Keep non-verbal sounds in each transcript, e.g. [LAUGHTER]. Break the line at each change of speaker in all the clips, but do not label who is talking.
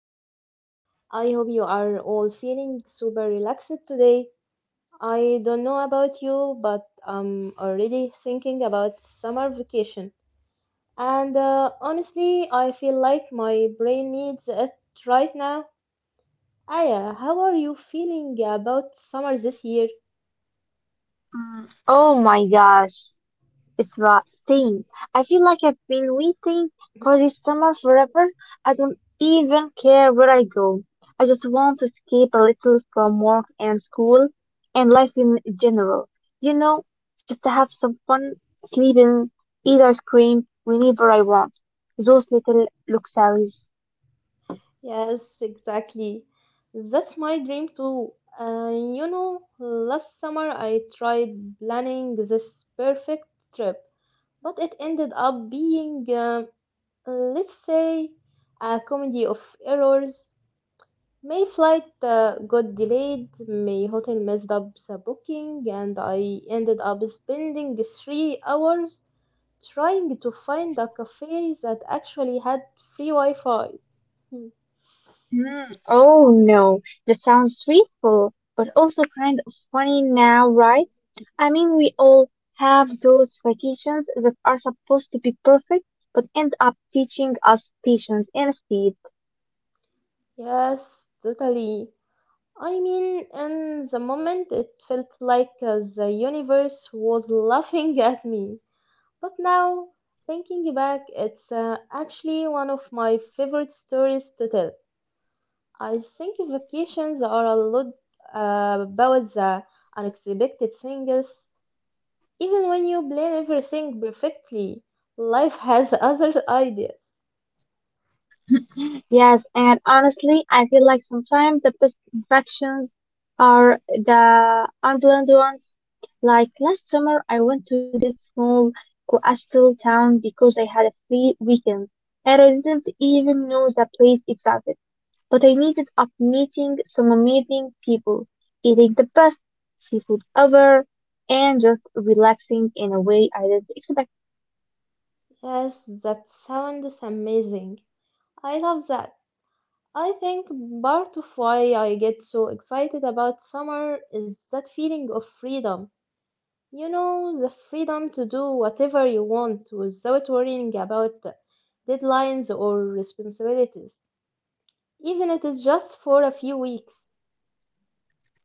back. I hope you are all feeling super relaxed today. I don't know about you, but I'm already thinking about summer vacation. And Honestly, I feel like my brain needs it right now. Aya, how are you feeling about summer this year?
Mm. Oh my gosh, it's roasting. I feel like I've been waiting for this summer forever. I don't even care where I go. I just want to escape a little from work and school and life in general. You know, just to have some fun, sleep in, eat ice cream whenever I want. Those little luxuries.
Yes, exactly. That's my dream too. You know, last summer I tried planning this perfect trip but it ended up being, let's say, a comedy of errors. May flight got delayed, my hotel messed up the booking, and I ended up spending 3 hours trying to find a cafe that actually had free Wi Fi. Hmm.
Hmm. Oh no, that sounds stressful, but also kind of funny now, right? I mean, we all have those vacations that are supposed to be perfect, but end up teaching us patience instead.
Yes, totally. I mean, in the moment, it felt like the universe was laughing at me. But now, thinking back, it's actually one of my favorite stories to tell. I think vacations are a lot about the unexpected things. Even when you plan everything perfectly, life has [LAUGHS] other ideas.
Yes, and honestly, I feel like sometimes the best vacations are the unplanned ones. Like last summer, I went to this small coastal town because I had a free weekend, and I didn't even know the place existed. But I ended up meeting some amazing people, eating the best seafood ever, and just relaxing in a way I didn't expect.
Yes, that sounds amazing. I love that. I think part of why I get so excited about summer is that feeling of freedom. You know, the freedom to do whatever you want without worrying about deadlines or responsibilities, even if it is just for a few weeks. [LAUGHS]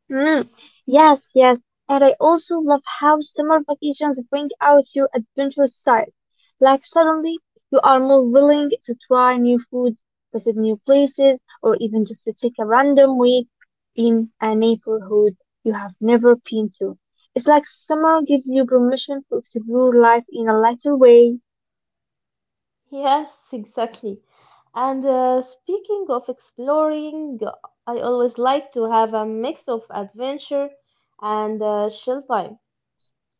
Mm, yes, yes. And I also love how summer vacations bring out your adventurous side. Like suddenly you are more willing to try new foods, visit new places, or even just to take a random week in a neighborhood you have never been to. It's like summer gives you permission to explore life in a lighter way.
Yes, exactly. And Speaking of exploring, I always like to have a mix of adventure and chill time.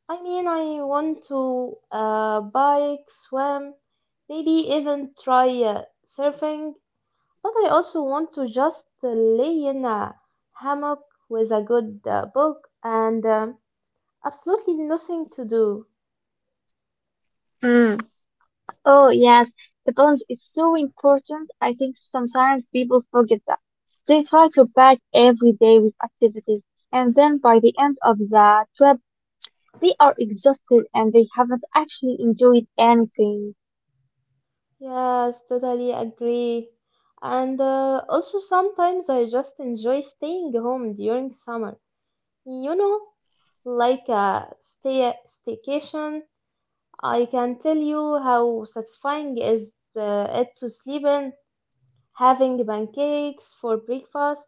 I mean, I want to bike, swim, maybe even try surfing, but I also want to just lay in a hammock with a good book and absolutely nothing to do.
Mm. Oh, yes, the balance is so important. I think sometimes people forget that. They try to pack every day with activities, and then by the end of the trip, they are exhausted and they haven't actually enjoyed anything.
Yes, totally agree. And Also, sometimes I just enjoy staying home during summer. You know, like a stay staycation. I can tell you how satisfying is it to sleep in, having pancakes for breakfast,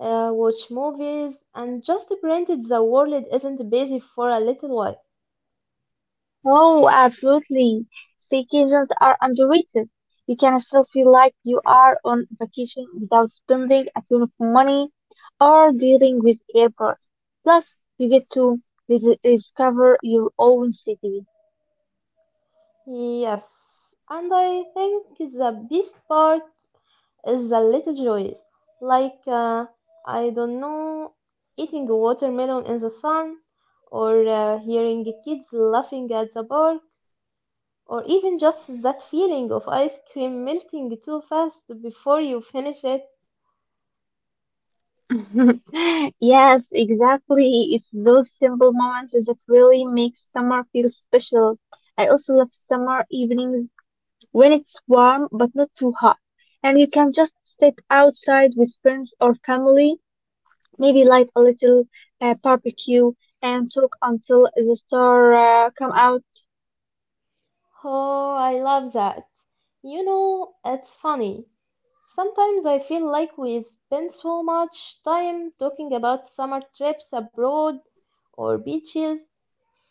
watch movies, and just pretend the world isn't busy for a little while.
Oh, absolutely. Staycations are underrated. You can still feel like you are on vacation without spending a ton of money or dealing with airports. Plus, you get to discover your own city.
Yes, and I think the best part is the little joys, like I don't know, eating a watermelon in the sun, or hearing the kids laughing at the bar. Or even just that feeling of ice cream melting too fast before you finish it.
[LAUGHS] Yes, exactly. It's those simple moments that really make summer feel special. I also love summer evenings when it's warm but not too hot, and you can just sit outside with friends or family, maybe light a little barbecue and talk until the stars come out.
Oh, I love that. You know, it's funny. Sometimes I feel like we spend so much time talking about summer trips abroad or beaches,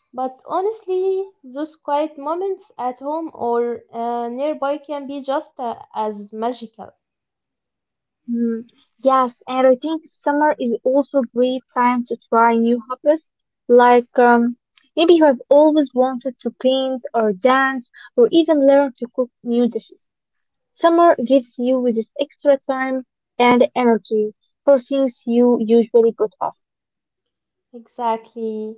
but honestly, those quiet moments at home or nearby can be just as magical.
Mm, yes, and I think summer is also a great time to try new hobbies. Like maybe you have always wanted to paint or dance or even learn to cook new dishes. Summer gives you this extra time and energy for things you usually put off.
Exactly.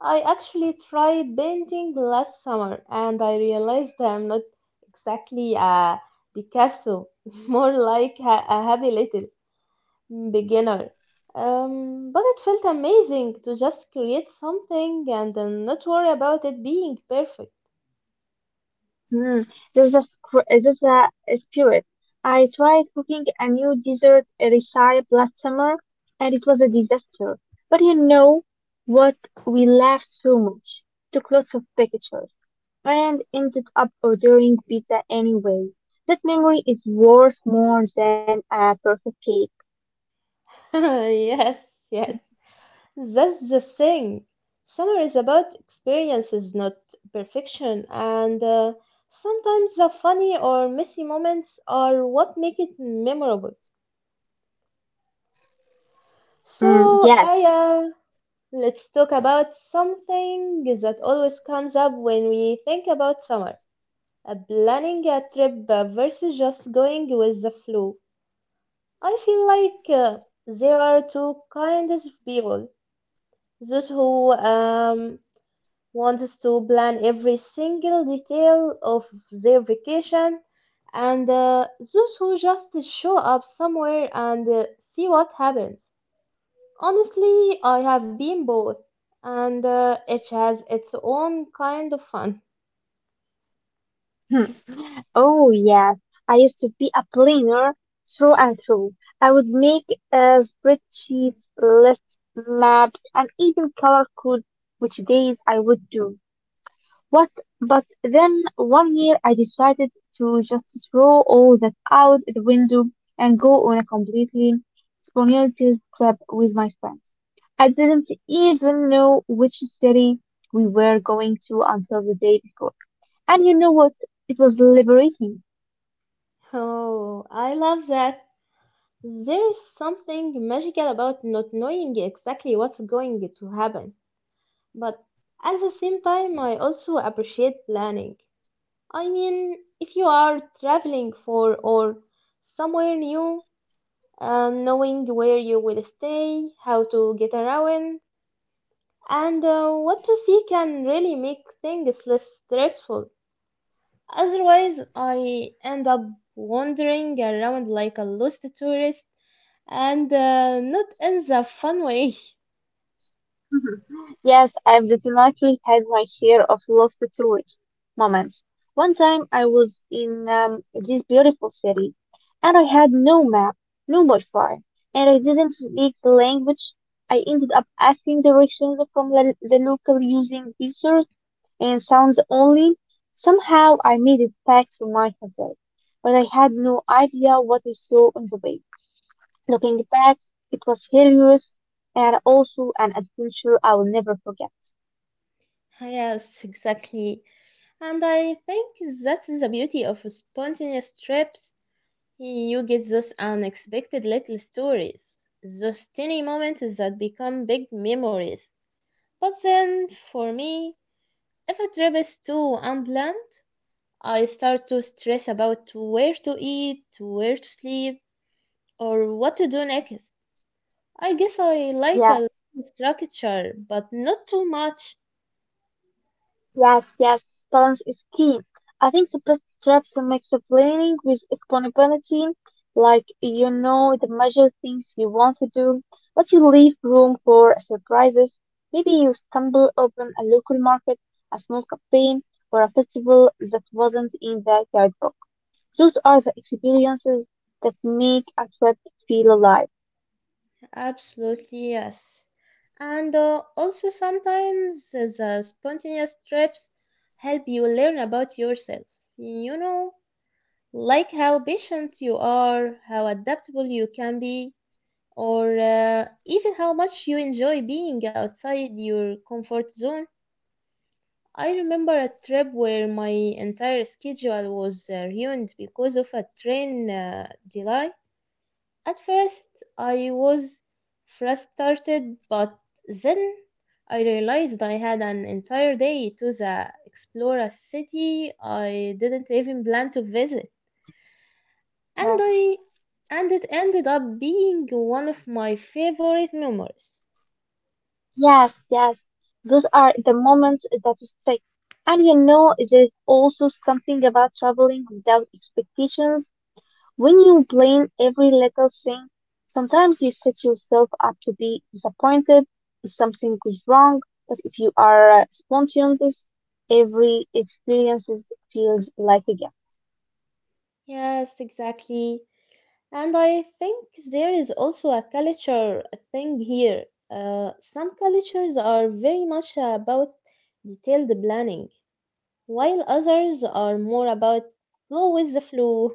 I actually tried painting last summer and I realized I'm not exactly a Picasso, [LAUGHS] more like a happy little beginner. But it felt amazing to just create something and then not worry about it being perfect.
Hmm, this is a spirit. I tried cooking a new dessert recipe last summer, and it was a disaster. But you know what? We laughed so much, took lots of pictures, and ended up ordering pizza anyway. That memory is worth more than a perfect cake.
[LAUGHS] Yes, yes. That's the thing. Summer is about experiences, not perfection. And Sometimes the funny or messy moments are what make it memorable.
Mm,
So,
yes.
Aya, let's talk about something that always comes up when we think about summer. Planning a trip versus just going with the flow. I feel like there are two kinds of people. Those who wants to plan every single detail of their vacation, and those who just show up somewhere and see what happens. Honestly, I have been both, and it has its own kind of fun. [LAUGHS]
[LAUGHS] Oh yes, I used to be a planner through and through. I would make spreadsheets, lists, maps, and even color code which days I would do. What? But then one year I decided to just throw all that out the window and go on a completely spontaneous trip with my friends. I didn't even know which city we were going to until the day before. And you know what? It was liberating.
Oh, I love that. There is something magical about not knowing exactly what's going to happen, but at the same time, I also appreciate planning. I mean, if you are traveling for or somewhere new, knowing where you will stay, how to get around, and what to see can really make things less stressful. Otherwise, I end up wandering around like a lost tourist and not in the fun way.
[LAUGHS] Mhm. Yes, I've definitely had my share of lost to tourist moments. One time I was in this beautiful city and I had no map, no Wi-Fi, and I didn't speak the language. I ended up asking directions from the local using pictures and sounds only. Somehow I made it back to my hotel, but I had no idea what I saw on the way. Looking back, it was hilarious and also an adventure I will never forget.
[LAUGHS] Yes, exactly. And I think that is the beauty of spontaneous trips. You get those unexpected little stories, those tiny moments that become big memories. But then, for me, if a trip is too unplanned, I start to stress about where to eat, where to sleep, or what to do next. I guess I like
Yeah,
a little structure, but not too much.
yes, yes, balance is key. I think the best strategy makes the planning with responsibility, like you know the major things you want to do, but you leave room for surprises. Maybe you stumble upon a local market, a small campaign, or a festival that wasn't in the guidebook. Those are the experiences that make a trip feel alive.
Absolutely, yes. And Also, sometimes the spontaneous trips help you learn about yourself. You know, like how patient you are, how adaptable you can be, or even how much you enjoy being outside your comfort zone. I remember a trip where my entire schedule was ruined because of a train delay. At first, I was frustrated, but then I realized I had an entire day to the explore a city I didn't even plan to visit. and I and it ended up being one of my favorite memories.
Yes, yes. Those are the moments that stick. And you know, there's also something about traveling without expectations. When you plan every little thing, sometimes you set yourself up to be disappointed if something goes wrong. But if you are spontaneous, every experience feels like a
Yes, exactly. And I think there is also a culture thing here. Some cultures are very much about detailed planning, while others are more about go with the flow.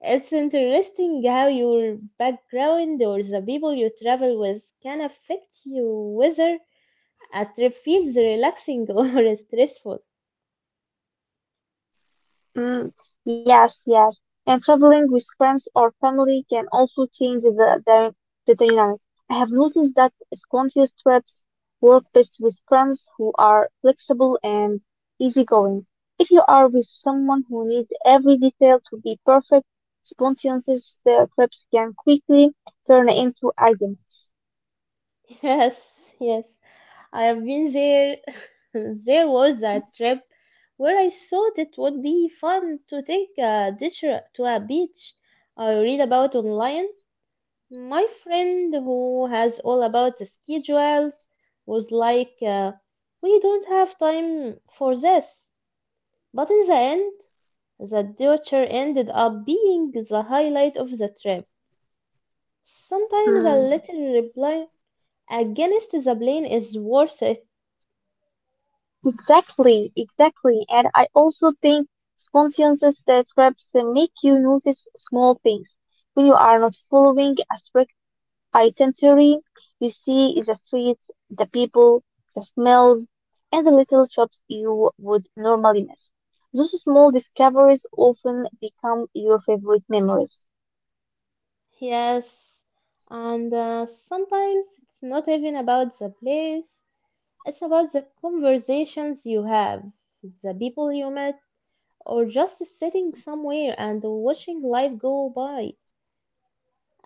It's interesting how your background or the people you travel with can affect you whether a trip feels relaxing [LAUGHS] or stressful.
Mm, yes, yes. And traveling with friends or family can also change the dynamic. I have noticed that spontaneous trips work best with friends who are flexible and easygoing. If you are with someone who needs every detail to be perfect, spontaneous trips can quickly turn into arguments.
Yes, yes. I have been there. [LAUGHS] There was that trip where I thought it would be fun to take a teacher to a beach. I read about online. My friend who has all about the schedules was like, we don't have time for this. But in the end, the teacher ended up being the highlight of the trip. Sometimes a
Mm.
little reply against the plane is worth it.
Exactly, exactly. And I also think spontaneous trips make you notice small things. When you are not following a strict itinerary, you see the streets, the people, the smells, and the little shops you would normally miss. Those small discoveries often become your favorite memories.
Yes, and sometimes it's not even about the place, it's about the conversations you have, the people you met, or just sitting somewhere and watching life go by.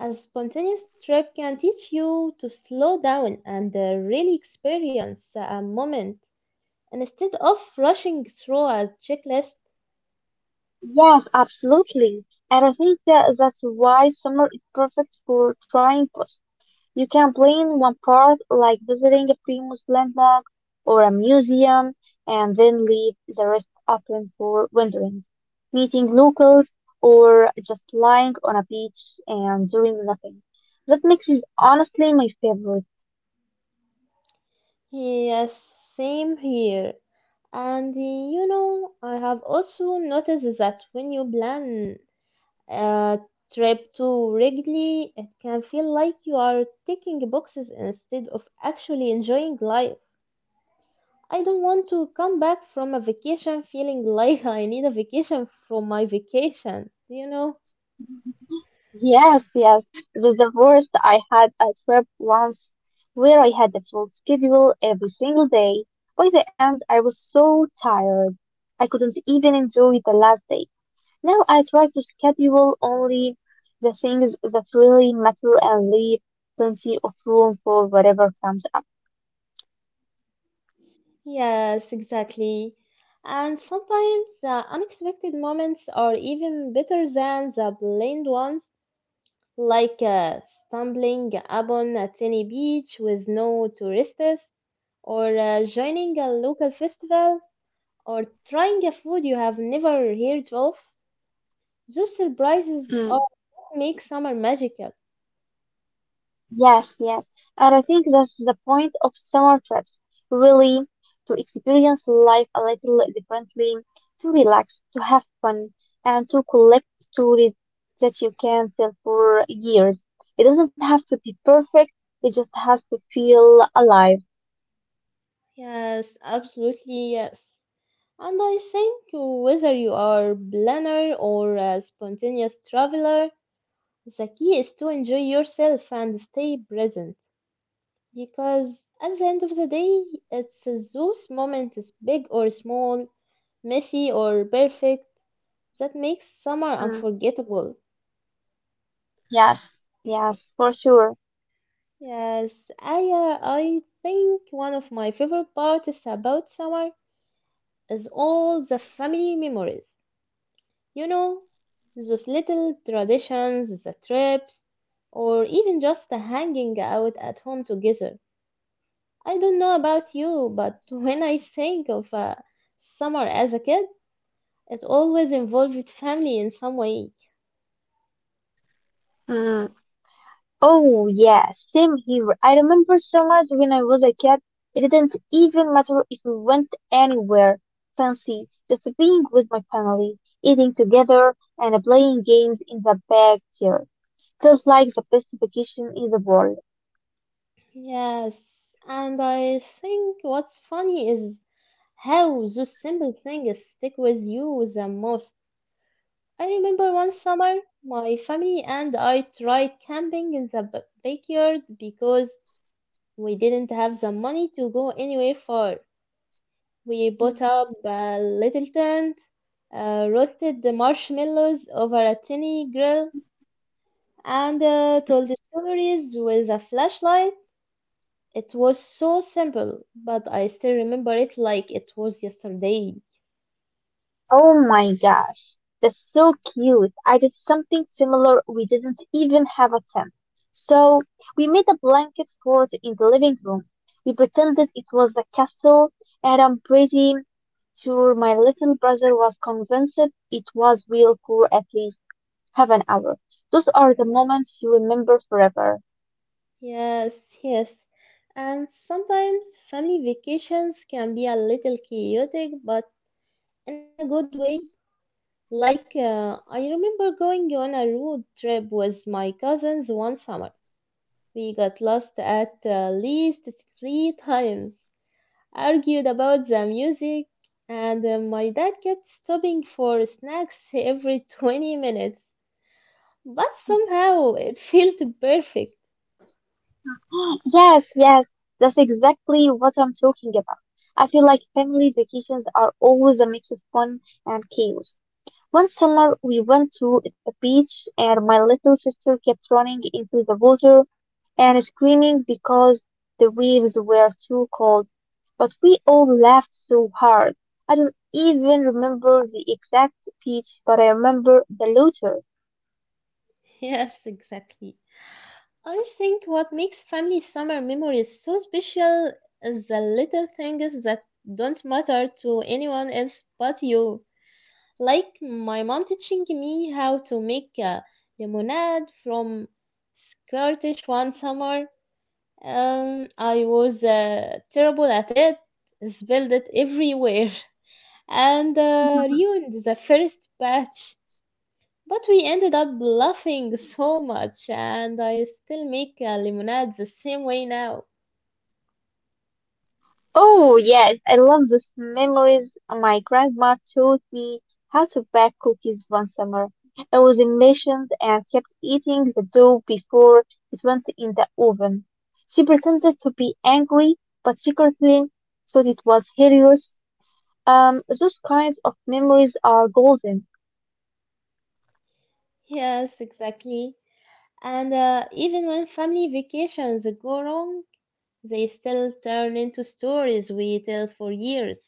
A spontaneous trip can teach you to slow down and really experience a moment instead of rushing through a checklist.
Yes, absolutely. And I think that that's why summer is perfect for trying. You can plan one part, like visiting a famous landmark or a museum, and then leave the rest open for wandering, meeting locals, or just lying on a beach and doing nothing. That mix is honestly my favorite.
Yes, same here. And You know, I have also noticed that when you plan a trip too rigidly, it can feel like you are ticking boxes instead of actually enjoying life. I don't want to come back from a vacation feeling [LAUGHS] like I need a vacation from my vacation, you know?
Yes, yes. The worst, I had a trip once where I had a full schedule every single day. By the end, I was so tired. I couldn't even enjoy the last day. Now I try to schedule only the things that really matter and leave plenty of room for whatever comes up.
Yes, exactly. And sometimes the unexpected moments are even better than the planned ones like stumbling upon a tiny beach with no tourists, or joining a local festival, or trying a food you have never heard of. Those surprises
Mm.
all make summer magical.
Yes, yes. And I think that's the point of summer trips, really, to experience life a little differently, to relax, to have fun, and to collect stories that you can tell for years. It doesn't have to be perfect, it just has to feel alive.
Yes, absolutely, yes. And I think whether you are planner or a spontaneous traveler, the key is to enjoy yourself and stay present. Because at the end of the day, it's those moments, big or small, messy or perfect, that makes summer
Mm.
unforgettable.
Yes, yes, for sure.
Yes, I think one of my favorite parts about summer is all the family memories. You know, those little traditions, the trips, or even just the hanging out at home together. I don't know about you, but [LAUGHS] when I think of summer as a kid, it always involved with family in some way.
Mm. Oh yeah, same here. I remember summers when I was a kid. It didn't even matter if we went anywhere fancy, just being with my family, eating together, and playing games in the backyard felt like the best vacation in the world.
Yes, and I think what's funny is how those simple things stick with you the most. I remember one summer, my family and I tried camping in the backyard because we didn't have the money to go anywhere far. We bought up a little tent, roasted the marshmallows over a tiny grill, and told the stories with a flashlight. It was so simple, but I still remember it like it was yesterday.
Oh my gosh, that's so cute. I did something similar. We didn't even have a tent. So we made a blanket fort in the living room. We pretended it was a castle, and I'm pretty sure my little brother was convinced it was real for at least half an hour. Those are the moments you remember forever.
Yes, yes. And sometimes family vacations can be a little chaotic, but in a good way. Like, I remember going on a road trip with my cousins one summer. We got lost at least three times, argued about the music, and my dad kept stopping for snacks every [LAUGHS] 20 minutes. But somehow it feels perfect. [LAUGHS]
[GASPS] Yes, yes, that's exactly what I'm talking about. I feel like family vacations are always a mix of fun and chaos. One summer we went to the beach and my little sister kept running into the water and screaming because the waves were too cold. But we all laughed so hard. I don't even remember the exact beach, but I remember the laughter.
Yes, exactly. I think what makes family summer memories so special is the little things that don't matter to anyone else but you. Like my mom teaching me how to make a lemonade from Scottish one summer. I was terrible at it, spilled it everywhere, [LAUGHS] and
[LAUGHS]
ruined the first batch. But we ended up laughing so much, and I still make lemonade the same way now.
Oh, yes, I love those memories. My grandma taught me how to bake cookies one summer. I was in missions and kept eating the dough before it went in the oven. She pretended to be angry, but secretly thought it was hilarious. Those kinds of memories are golden.
Yes, exactly. And Even when family vacations go wrong, they still turn into stories we tell for years.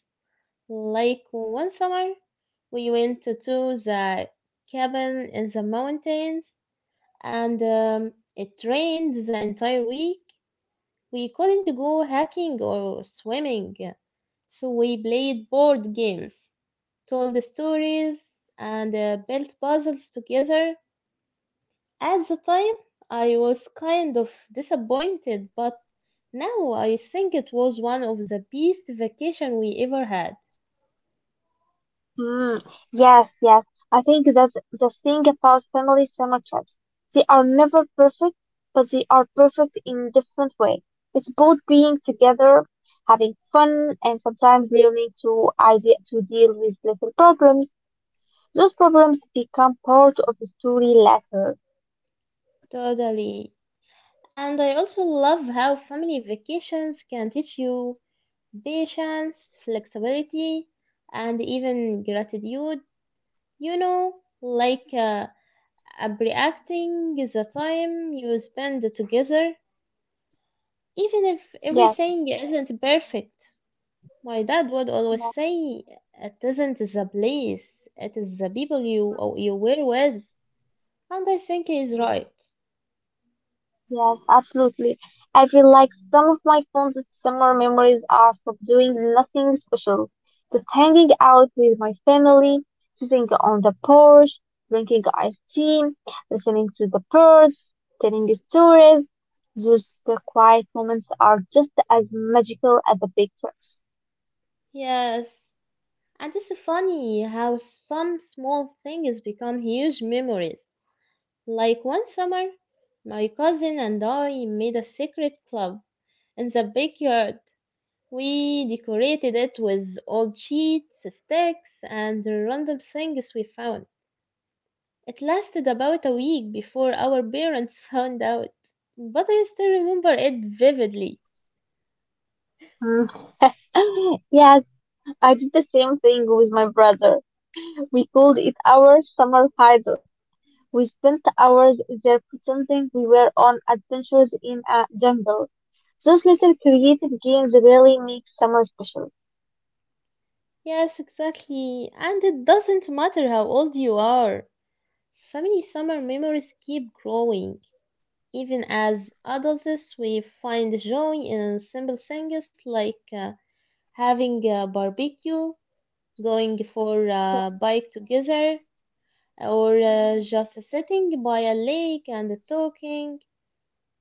Like one summer, we went to the cabin in the mountains, and it rained the entire week. We couldn't go hiking or swimming, so we played board games, told stories, and built puzzles together. At the time, I was kind of disappointed, but now I think it was one of the best vacation we ever had.
Mm, yes, yes. I think that's the thing about family summer trips. They are never perfect, but they are perfect in different way. It's both being together, having fun, and sometimes learning to idea to deal with little problems. Those problems become part of the story later.
Totally. And I also love how family vacations can teach you patience, flexibility, and even gratitude. You know, like appreciating the time you spend together, even if
Yes,
everything isn't perfect. My dad would always
yes.
say, "It isn't the place; it is the people you were with," and I think he's
Mm.
right.
Yes, absolutely. I feel like some of my fondest summer memories are from doing nothing special, just hanging out with my family, sitting on the porch, drinking iced tea, listening to the birds, telling stories. Those quiet moments are just as magical as the big trips.
Yes, and it's funny how some small things become huge memories. Like one summer, my cousin and I made a secret club in the backyard. We decorated it with old sheets, sticks, and random things we found. It lasted about a week before our parents [LAUGHS] found out, but I still remember it vividly.
Mm. [LAUGHS] Yes, I did the same thing with my brother. We called it our summer hideout. We spent hours there pretending we were on adventures in a jungle. Those little creative games really make summer special.
Yes, exactly, and it doesn't matter how old you are. Family summer memories keep growing. Even as adults, we find joy in simple things like having a barbecue, going for a bike together, or just sitting by a lake and talking.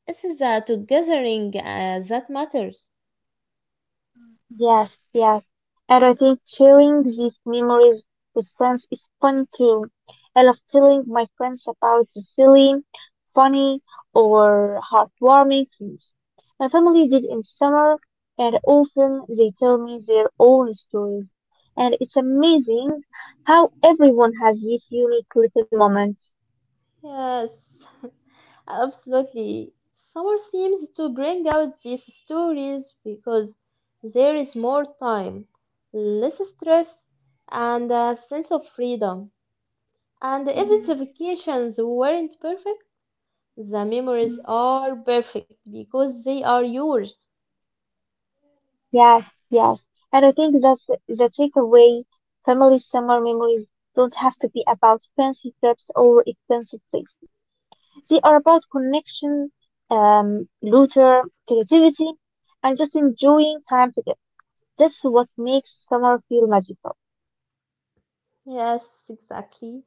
It's the togethering that matters.
Yes, yes. And I think sharing these memories with friends is fun too. I love telling my friends about the silly, funny, or heartwarming things my family did in summer, and often they tell me their own stories. And it's amazing how everyone has these unique little moments.
Yes, [LAUGHS] absolutely. Summer seems to bring out these stories because there is more time, less stress, and a sense of freedom. And even
Mhm.
the vacations weren't perfect, the memories are perfect because they are yours.
Yes, yes. And I think that's the takeaway. Family summer memories don't have to be about fancy trips or expensive places. They are about connection, laughter, creativity, and just enjoying time together. That's what makes summer feel magical.
Yes, exactly.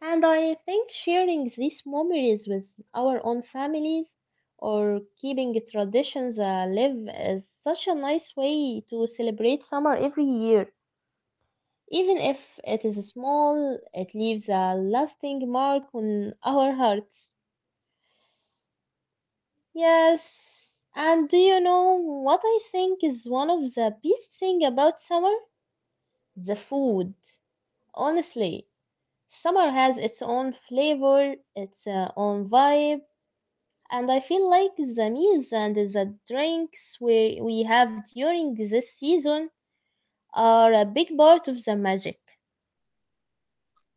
And I think sharing these memories with our own families or keeping traditions alive is such a nice way to celebrate summer every year. Even if it
Mm.
is small, it leaves a lasting mark on our hearts. Yes. And do you know what I think is one of the best thing about summer? The food. Honestly, summer has its own flavor, its own vibe. And I feel like the meals and the drinks we have during this season are a big part of the magic.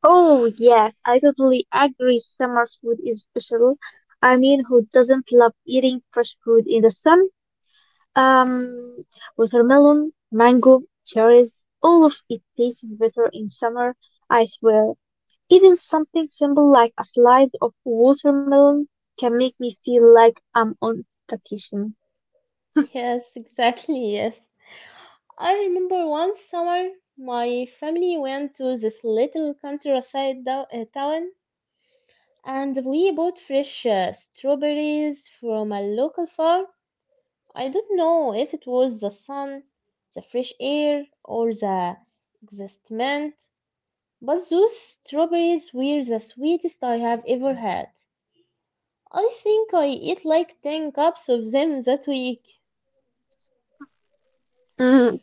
Oh, yes, I totally agree. Summer food is special. I mean, who doesn't love eating fresh food in the sun? Um, watermelon, mango, cherries, all of it tastes better in summer, I swear. Even something simple like a slice of watermelon can make me feel like I'm on vacation.
Yes, [LAUGHS] exactly, yes. I remember one summer my family went to this little countryside town and we bought fresh strawberries from a local farm. I don't know if it was the sun, the fresh air, or the excitement. But those strawberries were the sweetest I have ever had. I think I ate like 10 cups of them that week.
Mm.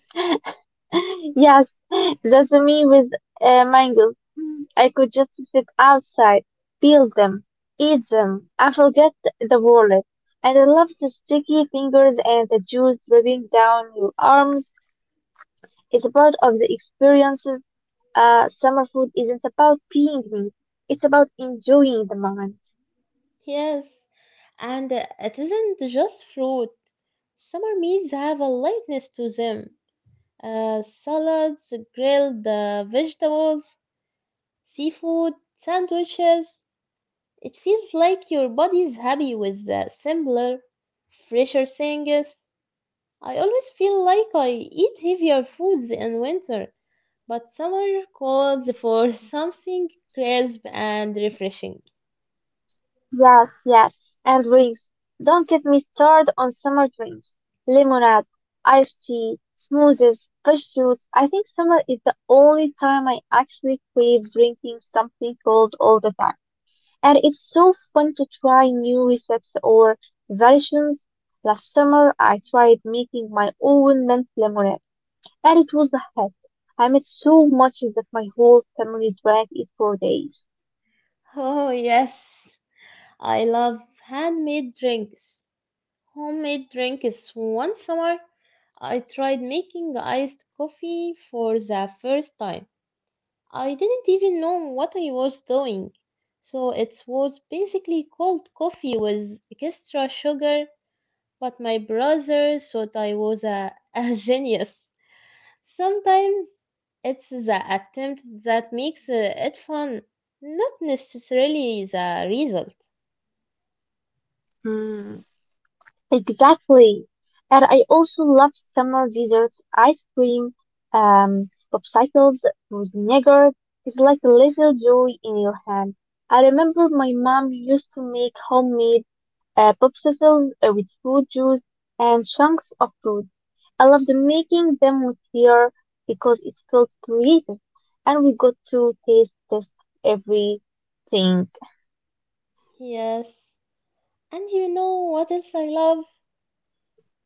[LAUGHS] Yes, that's me with mangoes. I could just sit outside, peel them, eat them, and forget the wallet. And I love the sticky fingers and the juice dripping down your arms. It's a part of the experiences. Summer food isn't about being me. It's about enjoying the moment.
Yes, and it isn't just fruit. Summer meals have a lightness to them. Salads, grilled vegetables, seafood, sandwiches. It feels like your body is happy with the simpler, fresher things. I always feel like I eat heavier foods in winter. But summer calls for something crisp and refreshing.
Yes, yes. And drinks. Don't get me started on summer drinks. Lemonade, iced tea, smoothies, fresh juice. I think summer is the only time I actually crave drinking something cold all the time. And it's so fun to try new recipes or versions. Last summer, I tried making my own mint lemonade and it was a hit. I made so much that my whole family drank it for days.
Oh, yes. I love handmade drinks. Homemade drinks. One summer, I tried making iced coffee for the first time. I didn't even know what I was doing. So it was basically cold coffee with extra sugar, but my brother thought I was a genius. Sometimes it's the attempt that makes it fun, not necessarily the result.
Mm. Exactly. And I also love summer desserts, ice cream, popsicles, with yogurt. It's like a little joy in your hand. I remember my mom used to make homemade popsicles with fruit juice and chunks of fruit. I loved making them with hair because it felt creative and we got to taste test everything.
Yes, and you know what else I love?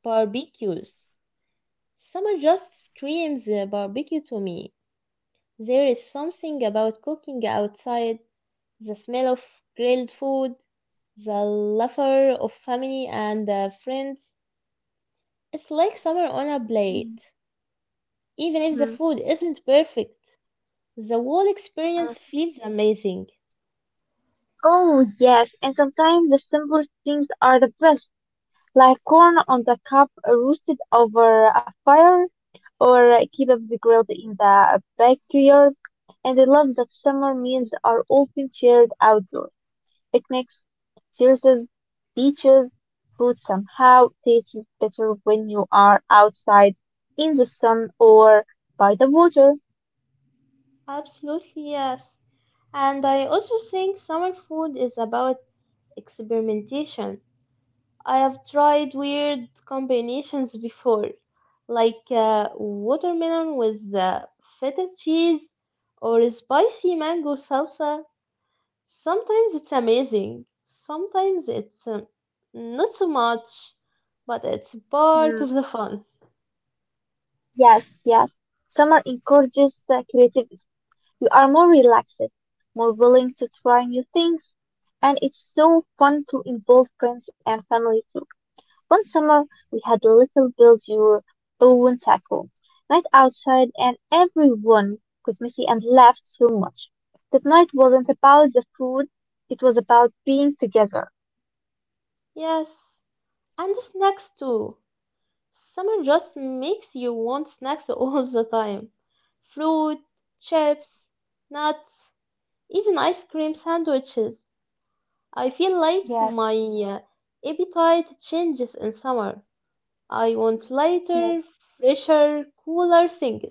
Barbecues. Summer just screams barbecue to me. There is something about cooking outside, the smell of grilled food, the laughter of family and friends. It's like summer on a plate, even if the
Mhm.
food isn't perfect. The whole experience feels amazing.
Oh, yes, and sometimes the simplest things are the best, like corn on the cob roasted over a fire or kebabs grilled in the backyard. And I love that summer meals are often shared outdoors. Picnics, terraces, beaches, food somehow tastes better when you are outside in the sun or by the water.
Absolutely, yes. And I also think summer food is about experimentation. I have tried weird combinations before, like watermelon with feta cheese or spicy mango salsa. Sometimes it's amazing, sometimes it's not so much, but it's part
Mm,
of the fun.
yes, yes. Summer encourages creativity. You are more relaxed, more willing to try new things, and it's so fun to involve friends and family too. One summer we had a little build your own tackle night outside and everyone one got messy and laughed so much. That night wasn't about the food, it was about being together.
Yes, and snacks too. Summer just makes you want snacks [LAUGHS] all the time. Fruit, chips, nuts, even ice cream sandwiches. I feel like
Yes,
my uh, appetite changes in summer. I want lighter,
yes,
fresher, cooler things.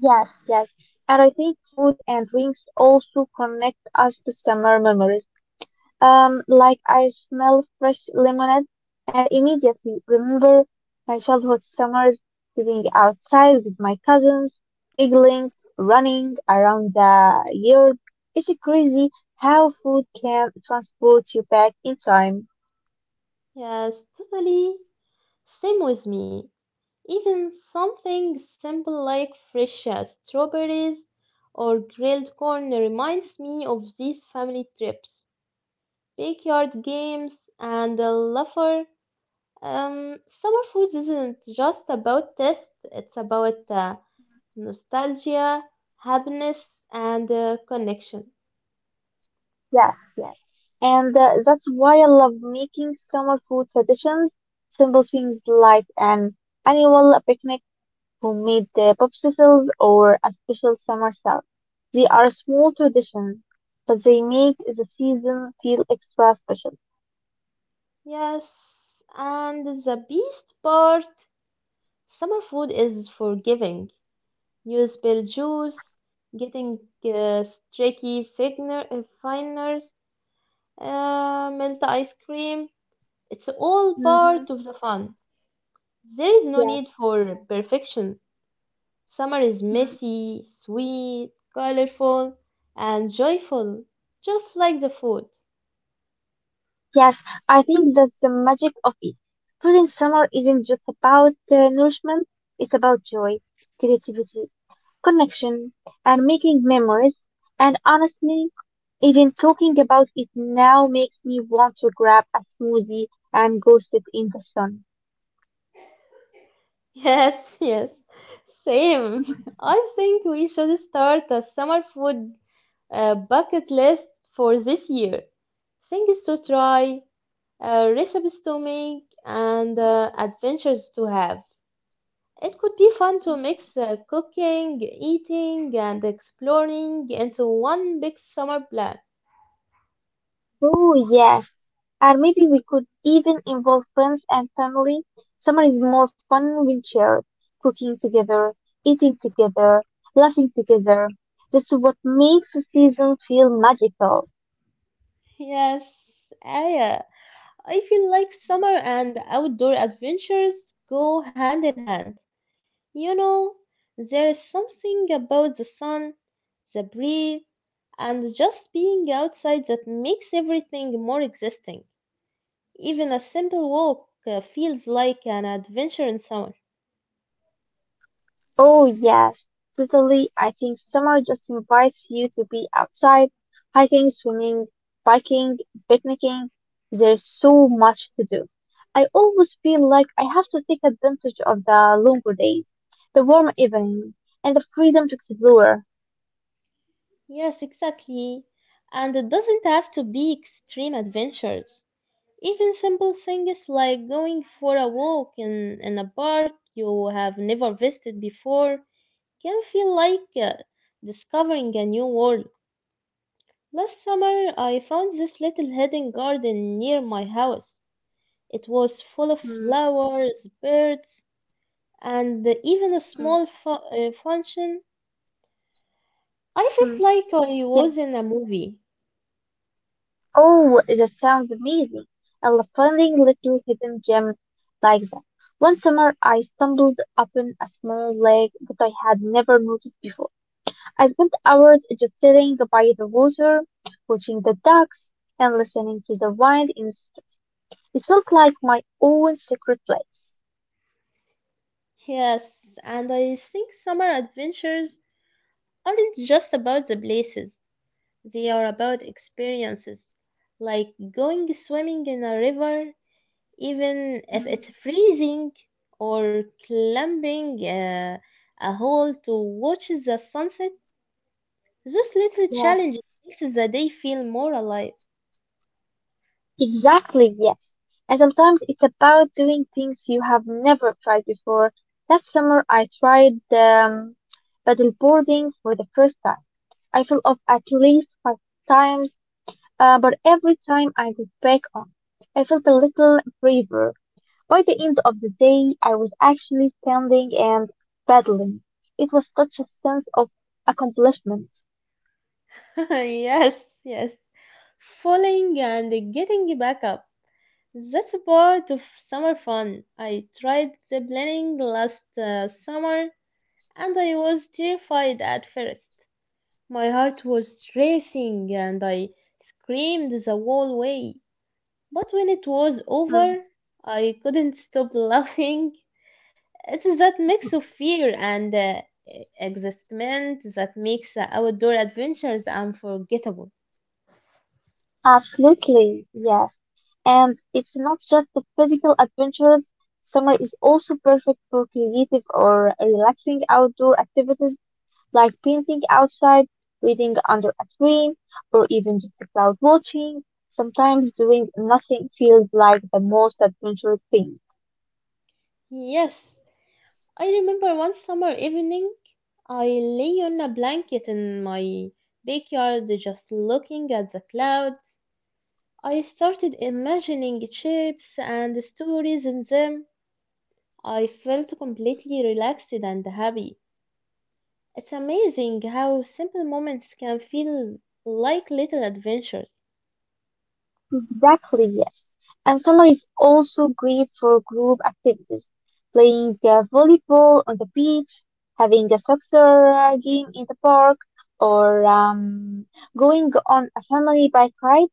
yes. And I think food and drinks also connect us to summer memories. Like I smell fresh lemonade and immediately remember my childhood summers sitting outside with my cousins, giggling, running around the yard. It's crazy how food can transport you back in time.
Yes, totally. Same with me. Even something simple like fresh strawberries or grilled corn reminds me of these family trips, backyard games, and the laughter. Summer foods isn't just about taste; it's about nostalgia, happiness, and connection.
Yes, yes. And that's why I love making summer food traditions, simple things like an annual picnic who made the popsicles or a special summer salad. They are small traditions, but they make the season feel extra special.
Yes, and the best part, summer food is forgiving. You spill juice, getting uh, finers, melt ice cream. It's all
Mm-hmm.
part of the fun. There is no
Yes.
need for perfection. Summer is
Mm.
messy, sweet, colorful, and joyful, just like the food. [LAUGHS]
Yes, I think that's the magic of it. Food in summer isn't just about nourishment, it's about joy, creativity, connection, and making memories. And honestly, even talking about it now makes me want to grab a smoothie and go sit in the sun.
Yes, yes, same. I think we should start a summer food bucket list for this year. Things to try, recipes to make, and adventures to have. It could be fun to mix cooking, eating, and exploring into one big summer plan.
Oh, yes. And maybe we could even involve friends and family. Summer is more fun when shared, cooking together, eating together, laughing together. That's what makes the season feel magical.
Yes, Aya. I feel like summer and outdoor adventures go hand in hand. You know, there is something about the sun, the breeze, and just being outside that makes everything more existing. Even a simple walk feels like an adventure in summer.
Oh, yes, totally. I think summer just invites you to be outside, hiking, swimming, biking, picnicking. There's so much to do. I always feel like I have to take advantage of the longer days, the warm evenings, and the freedom to explore.
Yes, exactly. And it doesn't have to be extreme adventures. Even simple things like going for a walk in a park you have never visited before can feel like discovering a new world. Last summer, I found this little hidden garden near my house. It was full of
Mm,
flowers, birds, and even a
mm,
small function. I
mm.
felt like I
Yeah.
was in a movie.
Oh, that sounds amazing. I love finding little hidden gems like that. One summer, I stumbled upon a small lake that I had never noticed before. I spent hours just sitting by the water, watching the ducks, and listening to the wind in the streets. It felt like my own secret place.
Yes, and I think summer adventures aren't just about the places, they are about experiences, like going swimming in a river even if
Mm,
it's freezing or climbing a hole to watch the sunset. Those little
Yes.
challenges makes the day feel more alive.
Exactly, yes. And sometimes it's about doing things you have never tried before. Last summer, I tried paddleboarding for the first time. I fell off at least five times, but every time I got back on, I felt a little braver. By the end of the day, I was actually standing and paddling. It was such a sense of accomplishment.
[LAUGHS] Yes, yes. Falling and getting back up. That's a part of summer fun. I tried the planning last summer and I was terrified at first. My heart was racing and I screamed the whole way. But when it was
Mm-hmm.
over, I couldn't stop laughing. [LAUGHS] It's that mix of fear and excitement that makes the outdoor adventures unforgettable.
Absolutely, yes. And it's not just the physical adventures. Summer is also perfect for creative or relaxing outdoor activities like painting outside, reading under a tree, or even just cloud watching. Sometimes doing nothing feels like the most adventurous thing.
Yes, I remember one summer evening, I lay on a blanket in my backyard just looking at the clouds. I started imagining shapes and stories in them. I felt completely relaxed and happy. It's amazing how simple moments can feel like little adventures.
Exactly, yes. And summer is also great for group activities, playing volleyball on the beach, having a soccer game in the park, or going on a family bike ride.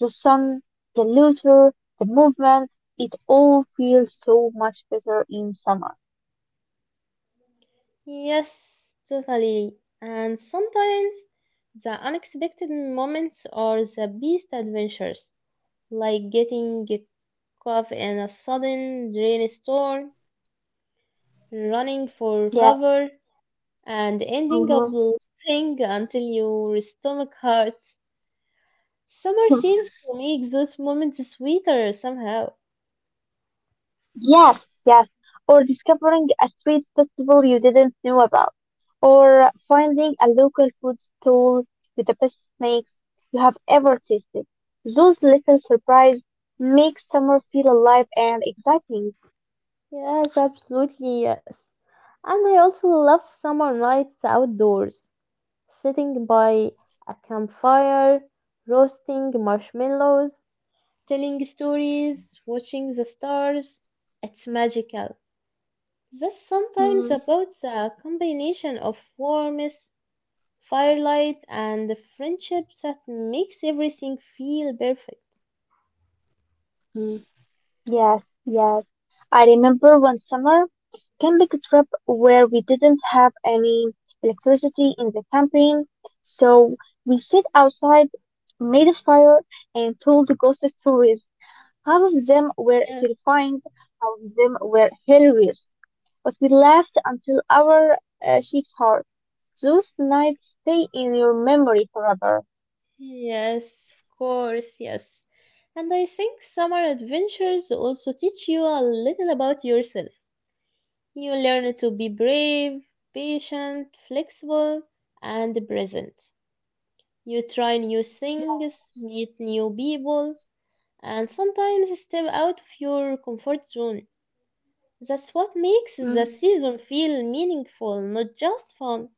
The sun, the luter, the movement, it all feels so much better in summer.
Yes, totally. And sometimes the unexpected moments are the best adventures, like getting caught in a sudden rainstorm, running for
Yeah.
cover, and ending up
Mm-hmm.
laughing until your stomach hurts. Summer seems to make those moments sweeter somehow.
Yes, yes. Or discovering a street festival you didn't know about. Or finding a local food stall with the best snacks you have ever tasted. Those little surprises make summer feel alive and exciting.
Yes, absolutely, yes. And I also love summer nights outdoors, sitting by a campfire, roasting marshmallows, telling stories, watching the stars. It's magical. That's sometimes
Mm-hmm.
about the combination of warmth, firelight, and the friendship that makes everything feel perfect.
Yes, yes. I remember one summer camping trip where we didn't have any electricity in the camping, so we sit outside, made a fire, and told ghost stories. Half of them were
Yes,
terrifying, half of them were hilarious, but we laughed until our cheeks hurt. Those nights stay in your memory forever.
yes, of course, yes. And I think summer adventures also teach you a little about yourself. You learn to be brave, patient, flexible, and present. You try new things, meet new people, and sometimes step out of your comfort zone. That's what makes the
Mhm.
season feel meaningful, not just fun.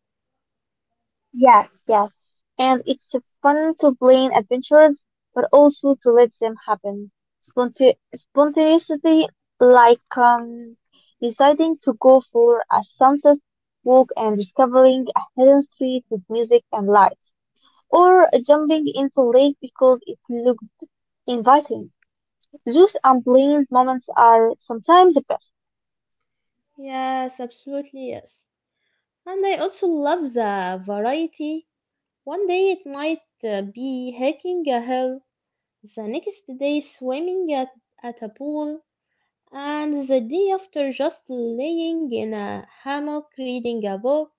Yes, yes. And it's fun to plan adventures, but also to let them happen. Spontaneity, like deciding to go for a sunset walk and discovering a hidden street with music and lights. Or jumping into lake because it looked inviting. Those unplanned moments are sometimes the best.
Yes, absolutely yes. And I also love the variety. One day it might be hiking a hill, the next day swimming at a pool, and the day after just laying in a hammock reading a book.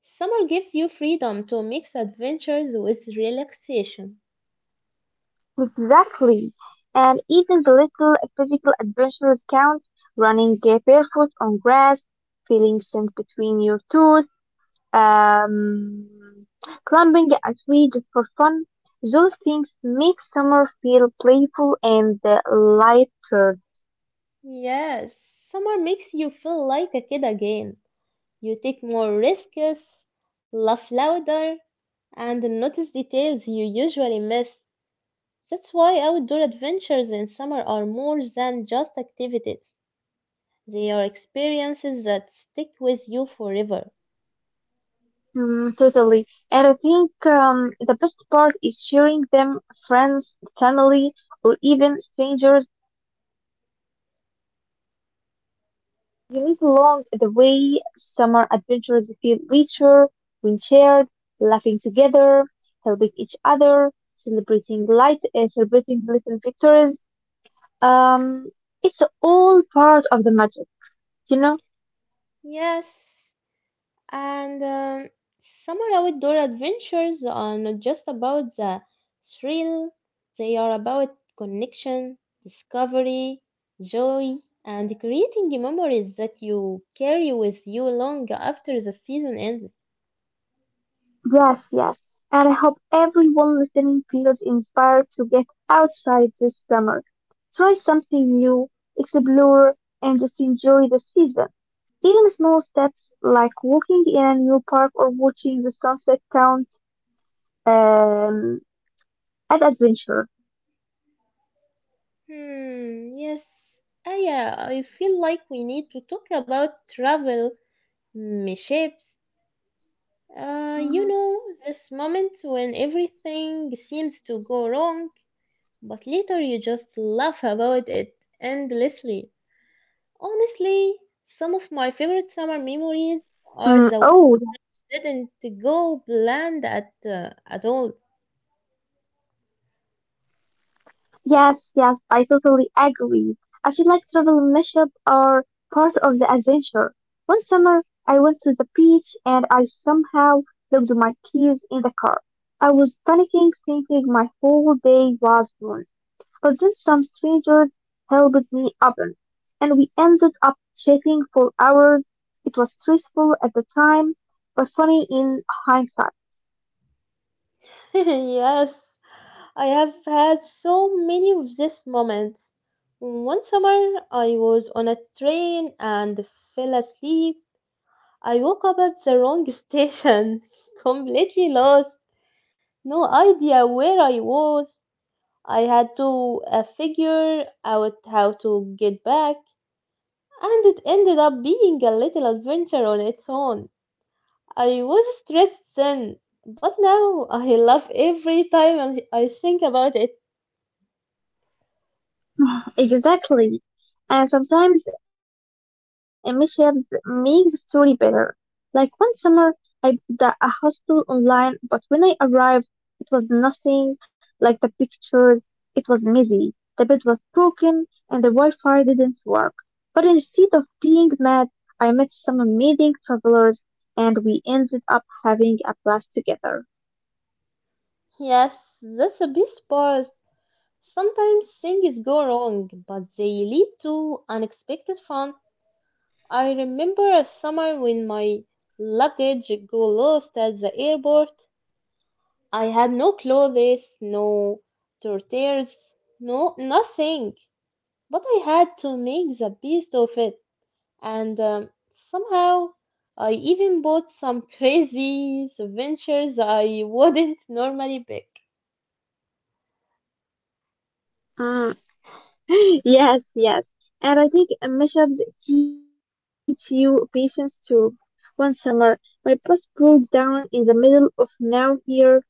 Summer gives you freedom to mix adventures with relaxation.
Exactly. And even the little physical adventures count. Running barefoot on grass, feeling sand between your toes, um, climbing a tree just for fun. Those things make summer feel playful and lighter.
Yes, summer makes you feel like a kid again. You take more risks, laugh louder, and notice details you usually miss. That's why outdoor adventures in summer are more than just activities. They are experiences that stick with you forever.
Totally. And I think the best part is sharing them friends, family, or even strangers. You meet along the way. Summer adventures feel richer when shared, laughing together, helping each other, celebrating light, celebrating little victories. It's all part of the magic, you know.
Yes. And summer outdoor adventures are not just about the thrill, they are about connection, discovery, joy, and creating memories that you carry with you long after the season ends.
Yes, yes. And I hope everyone listening feels inspired to get outside this summer. Try something new, explore, and just enjoy the season. Even small steps like walking in a new park or watching the sunset count um, as adventure.
Hmm, yes. Aya, I feel like we need to talk about travel mishaps. You
hmm
know, this moment when everything seems to go wrong. But later you just laugh about it endlessly. Honestly, some of my favorite
Mm,
summer
oh,
memories are the ones that didn't go planned at all.
Yes, yes, I totally agree. I feel like travel and mischief are part of the adventure. One summer, I went to the beach and I somehow locked my keys in the car. I was panicking, thinking my whole day was ruined. But then some strangers helped me open, and we ended up chatting for hours. It was stressful at the time, but funny in hindsight.
[LAUGHS] Yes, I have had so many of these moments. One summer, I was on a train and fell asleep. I woke up at the wrong [LAUGHS] station, completely lost, no idea where I was. I had to figure out how to get back, and it ended up being a little adventure on its own. I was stressed then, but now I laugh every time I think about it.
Exactly. And sometimes mishaps make the story better. Like one summer, I booked a hostel online, but when I arrived, it was nothing like the pictures. It was messy. The bed was broken and the Wi-Fi didn't work. But instead of being mad, I met some amazing travelers and we ended up having a blast together.
Yes, that's the best part. Sometimes things go wrong, but they lead to unexpected fun. I remember a summer when my luggage got lost at the airport. I had no clothes, no tortillas, no nothing. But I had to make the best of it, and somehow I even bought some [LAUGHS] crazy souvenirs I wouldn't [LAUGHS] normally pick.
Mm. [LAUGHS] Yes, yes. And I think mashups teach you patience too. One summer, my bus broke down in the middle of now here.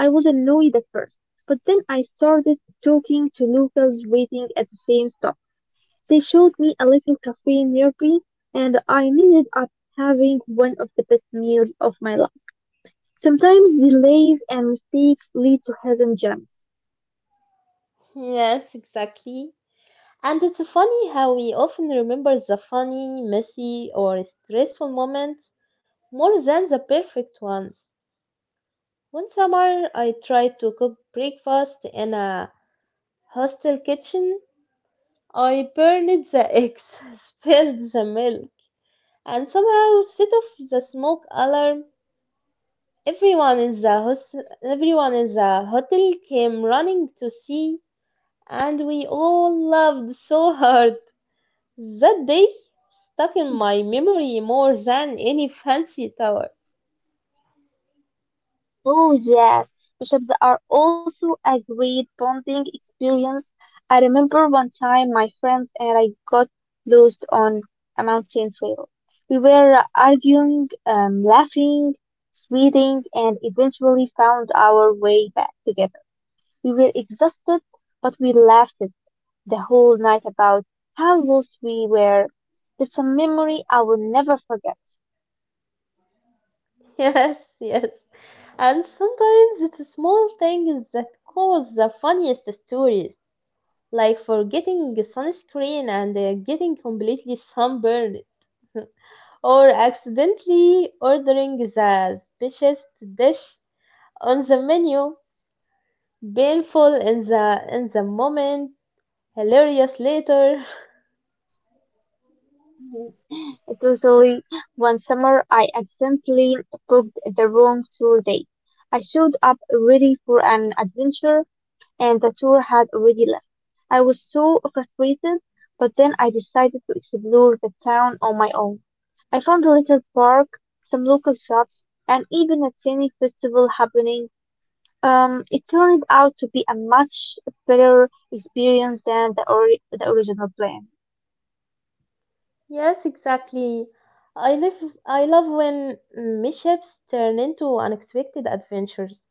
I was annoyed at first, but then I started talking to locals waiting at the same stop. They showed me a little cafe nearby, and I ended up having one of the best meals of my life. Sometimes delays and mistakes lead to hidden gems.
Yes, exactly. And it's funny how we often remember the funny, messy, or stressful moments more than the perfect ones. One summer, I tried to cook breakfast in a hostel kitchen. I burned the eggs, [LAUGHS] spilled the milk, and somehow set off the smoke alarm. Everyone in the hos- Everyone in the hotel came running to see, and we all laughed so hard. That day stuck in my memory more than any fancy tower.
Oh yes, bishops are also a great bonding experience. I remember one time my friends and I got lost on a mountain trail. We were arguing, laughing, sweating, and eventually found our way back together. We were exhausted, but we laughed the whole night about how lost we were. It's a memory I will never forget.
[LAUGHS] Yes, yes. And sometimes it's small things that cause the funniest stories, like forgetting sunscreen and getting completely sunburned, or accidentally ordering the specious dish on the menu. Painful in the moment, hilarious later. [LAUGHS]
Totally. One summer, I accidentally booked the wrong tour date. I showed up ready for an adventure, and the tour had already left. I was so frustrated, but then I decided to explore the town on my own. I found a little park, some local shops, and even a tiny festival happening. It turned out to be a much better experience than the original plan.
Yes, exactly. I love I love when mishaps turn into unexpected adventures.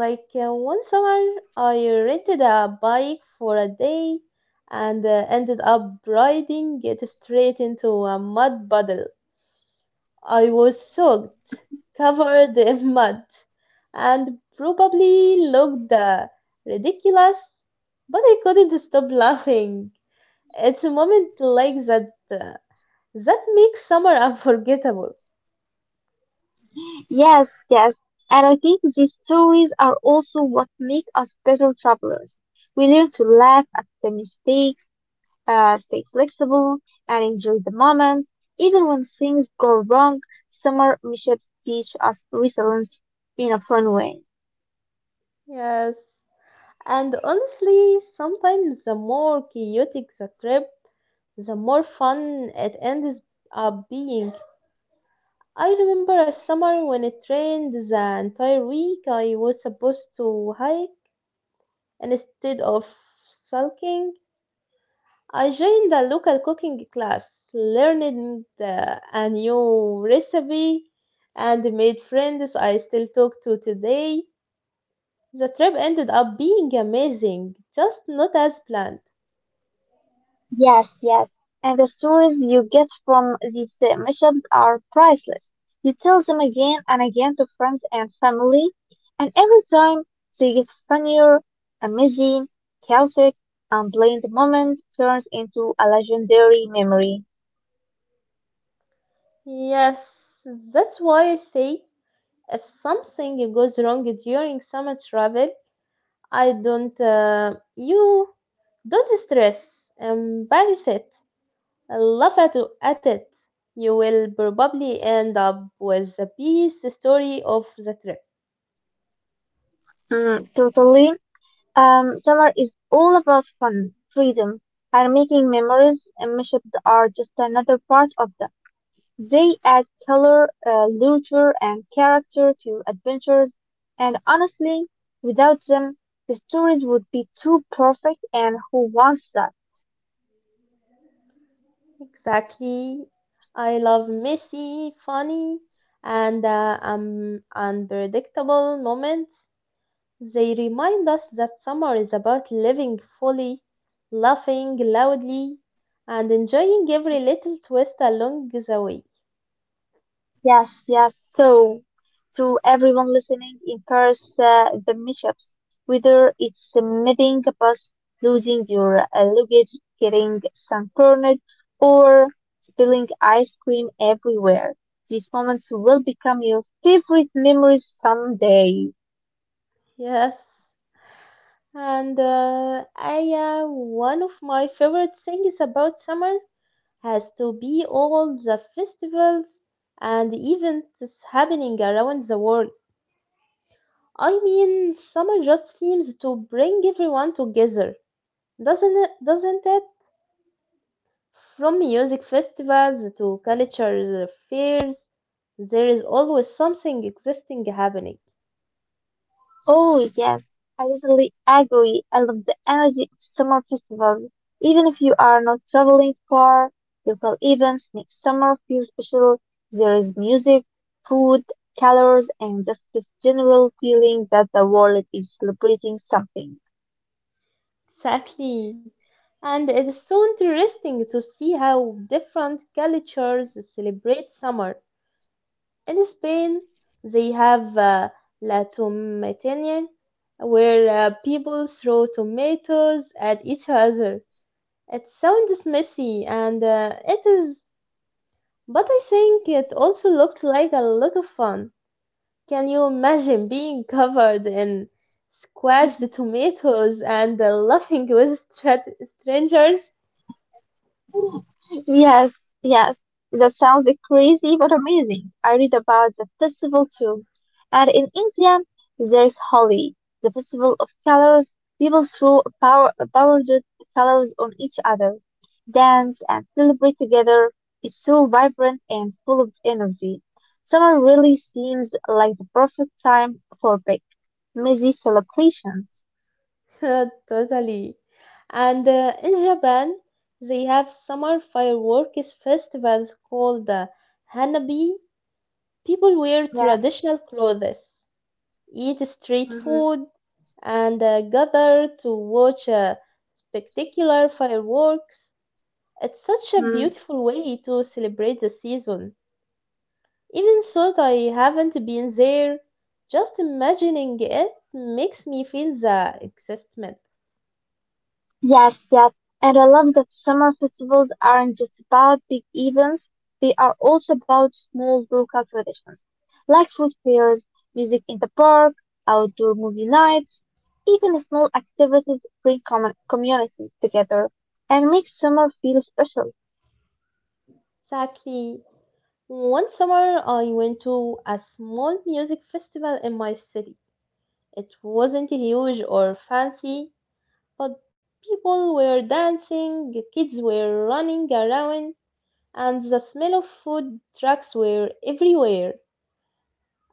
Like one summer, I rented a bike for a day and ended up riding it straight into a mud puddle. I was soaked, covered in mud, and probably looked ridiculous, but I couldn't stop laughing. It's a moment like that that makes summer [LAUGHS] unforgettable.
Yes, yes. And I think these stories are also what make us better travelers. We learn to laugh at the mistakes, stay flexible, and enjoy the moment. Even when things go wrong, summer mishaps teach us resilience in a fun way.
Yes. And honestly, sometimes the more chaotic the trip, the more fun it ends up being. I remember a summer when it rained the entire week. I was supposed to hike. Instead of sulking, I joined a local cooking class, learned a new recipe, and made friends I still talk to today. The trip ended up being amazing, just not as planned.
Yes, yes. And the stories you get from these mishaps are priceless. You tell them again and again to friends and family, and every time they get funnier, amazing, chaotic, unplanned moment turns into a legendary memory.
Yes, that's why I say if something goes wrong during summer travel, I don't, you don't stress. Embrace it, laugh at it. You will probably end up with a piece story of the trip.
Totally. Summer is all about fun, freedom, and making memories, and mishaps are just another part of that. They add color, luster, and character to adventures, and honestly, without them, the stories would be too perfect, and who wants that?
Exactly. I love messy, funny, and unpredictable moments. They remind us that summer is about living fully, laughing loudly, and enjoying every little twist along the way.
Yes, yes. So, to everyone listening in Paris, the mishaps, whether it's meeting a bus, losing your luggage, getting sunburned, or spilling ice cream everywhere, these moments will become your favorite memories someday.
Yes. And uh, I, One of my favorite things about summer has to be all the festivals and events happening around the world. I mean, summer just seems to bring everyone together, doesn't it? From music festivals to culture fairs, there is always something existing happening.
Oh, yes, I totally agree. I love the energy of summer festivals. Even if you are not traveling far, local events make summer feel special. There is music, food, colors, and just this general feeling that the world is celebrating something.
Exactly. And it is so interesting to see how different cultures celebrate summer. In Spain, they have La Tomatina, where people throw tomatoes at each other. It sounds messy, and it is, but I think it also looked like a lot of fun. Can you imagine being covered in squashed tomatoes and laughing with strangers?
Yes, yes. That sounds like crazy but amazing. I read about the festival too. And in India, there's Holi, the festival of colors. People throw powdered colors on each other, dance and celebrate together. It's so vibrant and full of energy. Summer really seems like the perfect time for big, messy celebrations.
[LAUGHS] Totally. And in Japan, they have summer fireworks festivals called the Hanabi. People wear
Yes.
traditional clothes, eat street
hmm
food, and gather to watch spectacular fireworks. It's such a beautiful way to celebrate the season. Even though I haven't been there, just imagining it makes me feel the excitement.
Yes, yes, and I love that summer festivals aren't just about big events, they are also about small local traditions, like food fairs, music in the park, outdoor movie nights. Even small activities bring common communities together and make summer feel special.
Exactly. One summer, I went to a small music festival in my city. It wasn't huge or fancy, but people were dancing, kids were running around, and the smell of food trucks were everywhere.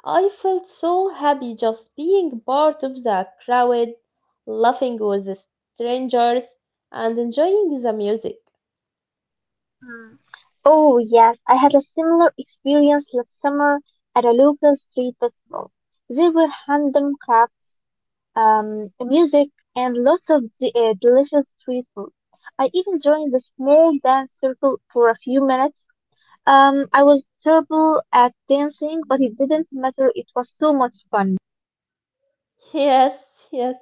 I felt so happy just being part of the crowd, laughing with the strangers, and enjoying the music.
Mm. Oh, yes, I had a similar experience last summer at a local street festival. There were handmade crafts music, and lots of delicious street food. I even joined the small dance circle for a few minutes. I was terrible at dancing, but it didn't matter. It was so much fun.
Yes, yes.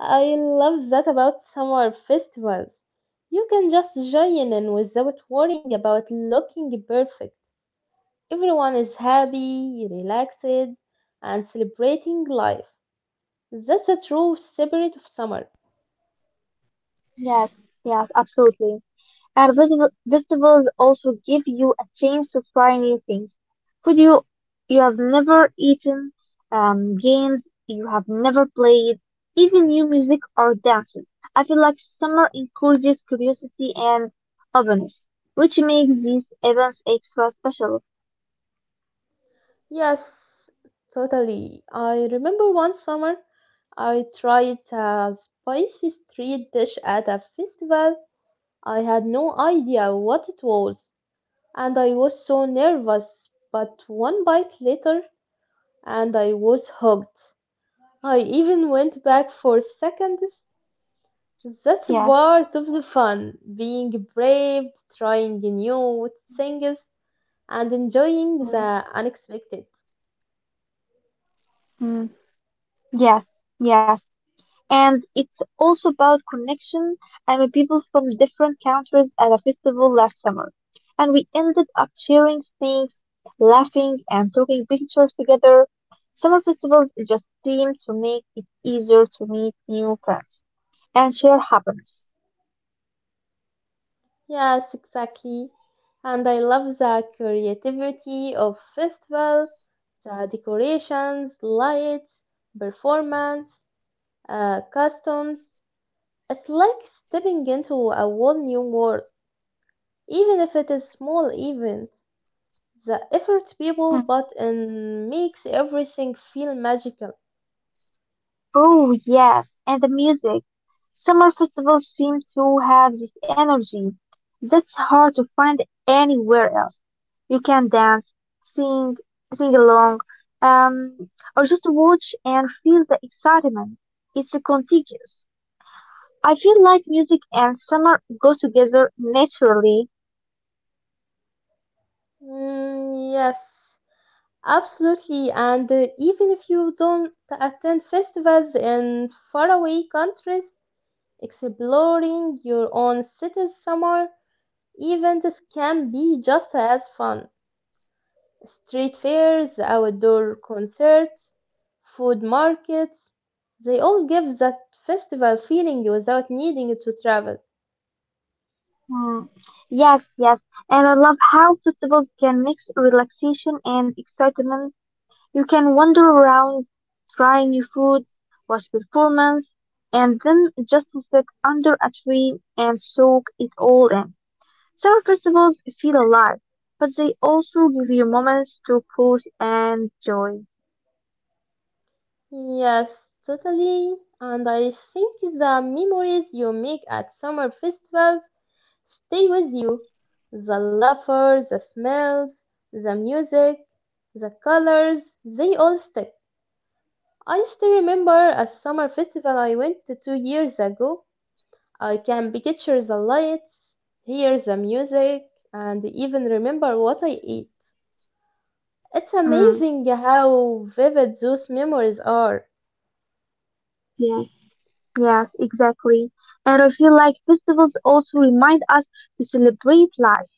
I love that about summer festivals. You can just join in without worrying about looking perfect. Everyone is happy, relaxed, and celebrating life. That's a true spirit of summer.
Yes, yes, absolutely. Festivals also give you a chance to try new things. Food you, you have never eaten, games you have never played, even new music or dances. I feel like summer encourages curiosity and openness, which makes these events extra special.
Yes, totally. I remember one summer I tried a spicy street dish at a festival. I had no idea what it was, and I was so nervous, but one bite later and I was hooked. I even went back for seconds. That's
Yes.
part of the fun, being brave, trying new things, and enjoying
Mm.
the unexpected.
Mm. Yes. Yes. And it's also about connection. I met people from different countries at a festival last summer, and we ended up sharing things, laughing, and taking pictures together. Summer festivals just seem to make it easier to meet new friends and share happiness.
Yes, exactly. And I love the creativity of festival, the decorations, lights, performance, customs. It's like stepping into a whole new world. Even if it is small events, the effort people put in makes everything feel magical.
Oh, yes, and the music. Summer festivals seem to have this energy that's hard to find anywhere else. You can dance, sing, sing along, um, or just watch and feel the excitement. It's contagious. I feel like music and summer go together naturally.
Mm, yes, absolutely. And even if you don't attend festivals in faraway countries, exploring your own city's summer events can be just as fun. Street fairs, outdoor concerts, food markets, they all give that festival feeling without needing to travel.
Hmm. Yes, yes, and I love how festivals can mix relaxation and excitement. You can wander around, try new foods, watch performances, and then just sit under a tree and soak it all in. Summer festivals feel alive, but they also give you moments to pause and joy.
Yes, totally. And I think the memories you make at summer festivals stay with you. The laughter, the smells, the music, the colors, they all stick. I still remember a summer festival I went to 2 years ago. I can picture the lights, hear the music, and even remember what I eat. It's
Mm,
amazing how vivid those memories are.
yes, yes, exactly. And I feel like festivals also remind us to celebrate life.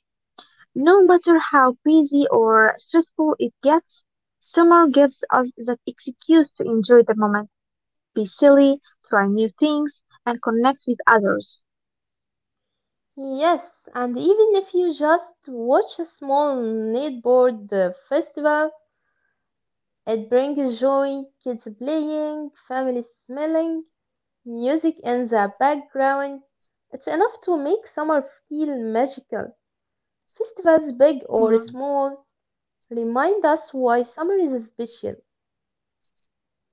No matter how busy or stressful it gets, summer gives us that excuse to enjoy the moment, be silly, try new things, and connect with others.
Yes, and even if you just watch a small neighborhood festival, it brings joy, kids playing, families smiling, music in the background. It's enough to make summer feel magical. Festivals, big or
Mm,
small, remind us why summer is special.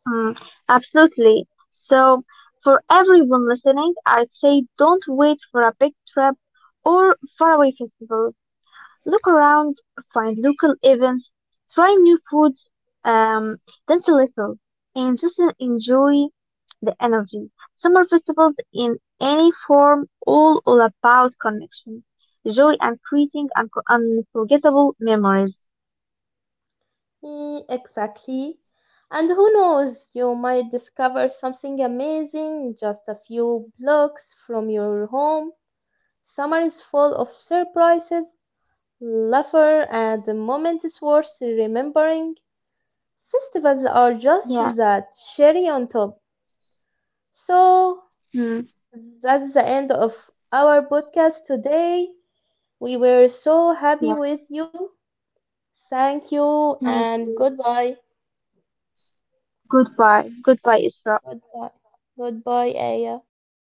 mm, absolutely. So, for everyone listening, I'd say don't wait for a big trip or faraway festival. Look around, find local events, try new foods, um, dance a little, and just enjoy the energy. Summer festivals in any form, all about connection, joy, and creating unforgettable memories.
Mm, exactly. And who knows, you might discover something amazing just a few blocks from your home. Summer is full of surprises, laughter, and moments worth remembering. Festivals are just
Yeah,
that cherry on top. So
mm,
that's the end of our podcast today. We were so
yeah,
happy with you. Thank you
me
and
too.
goodbye.
Goodbye. Goodbye, Isra.
Goodbye. Goodbye, Aya.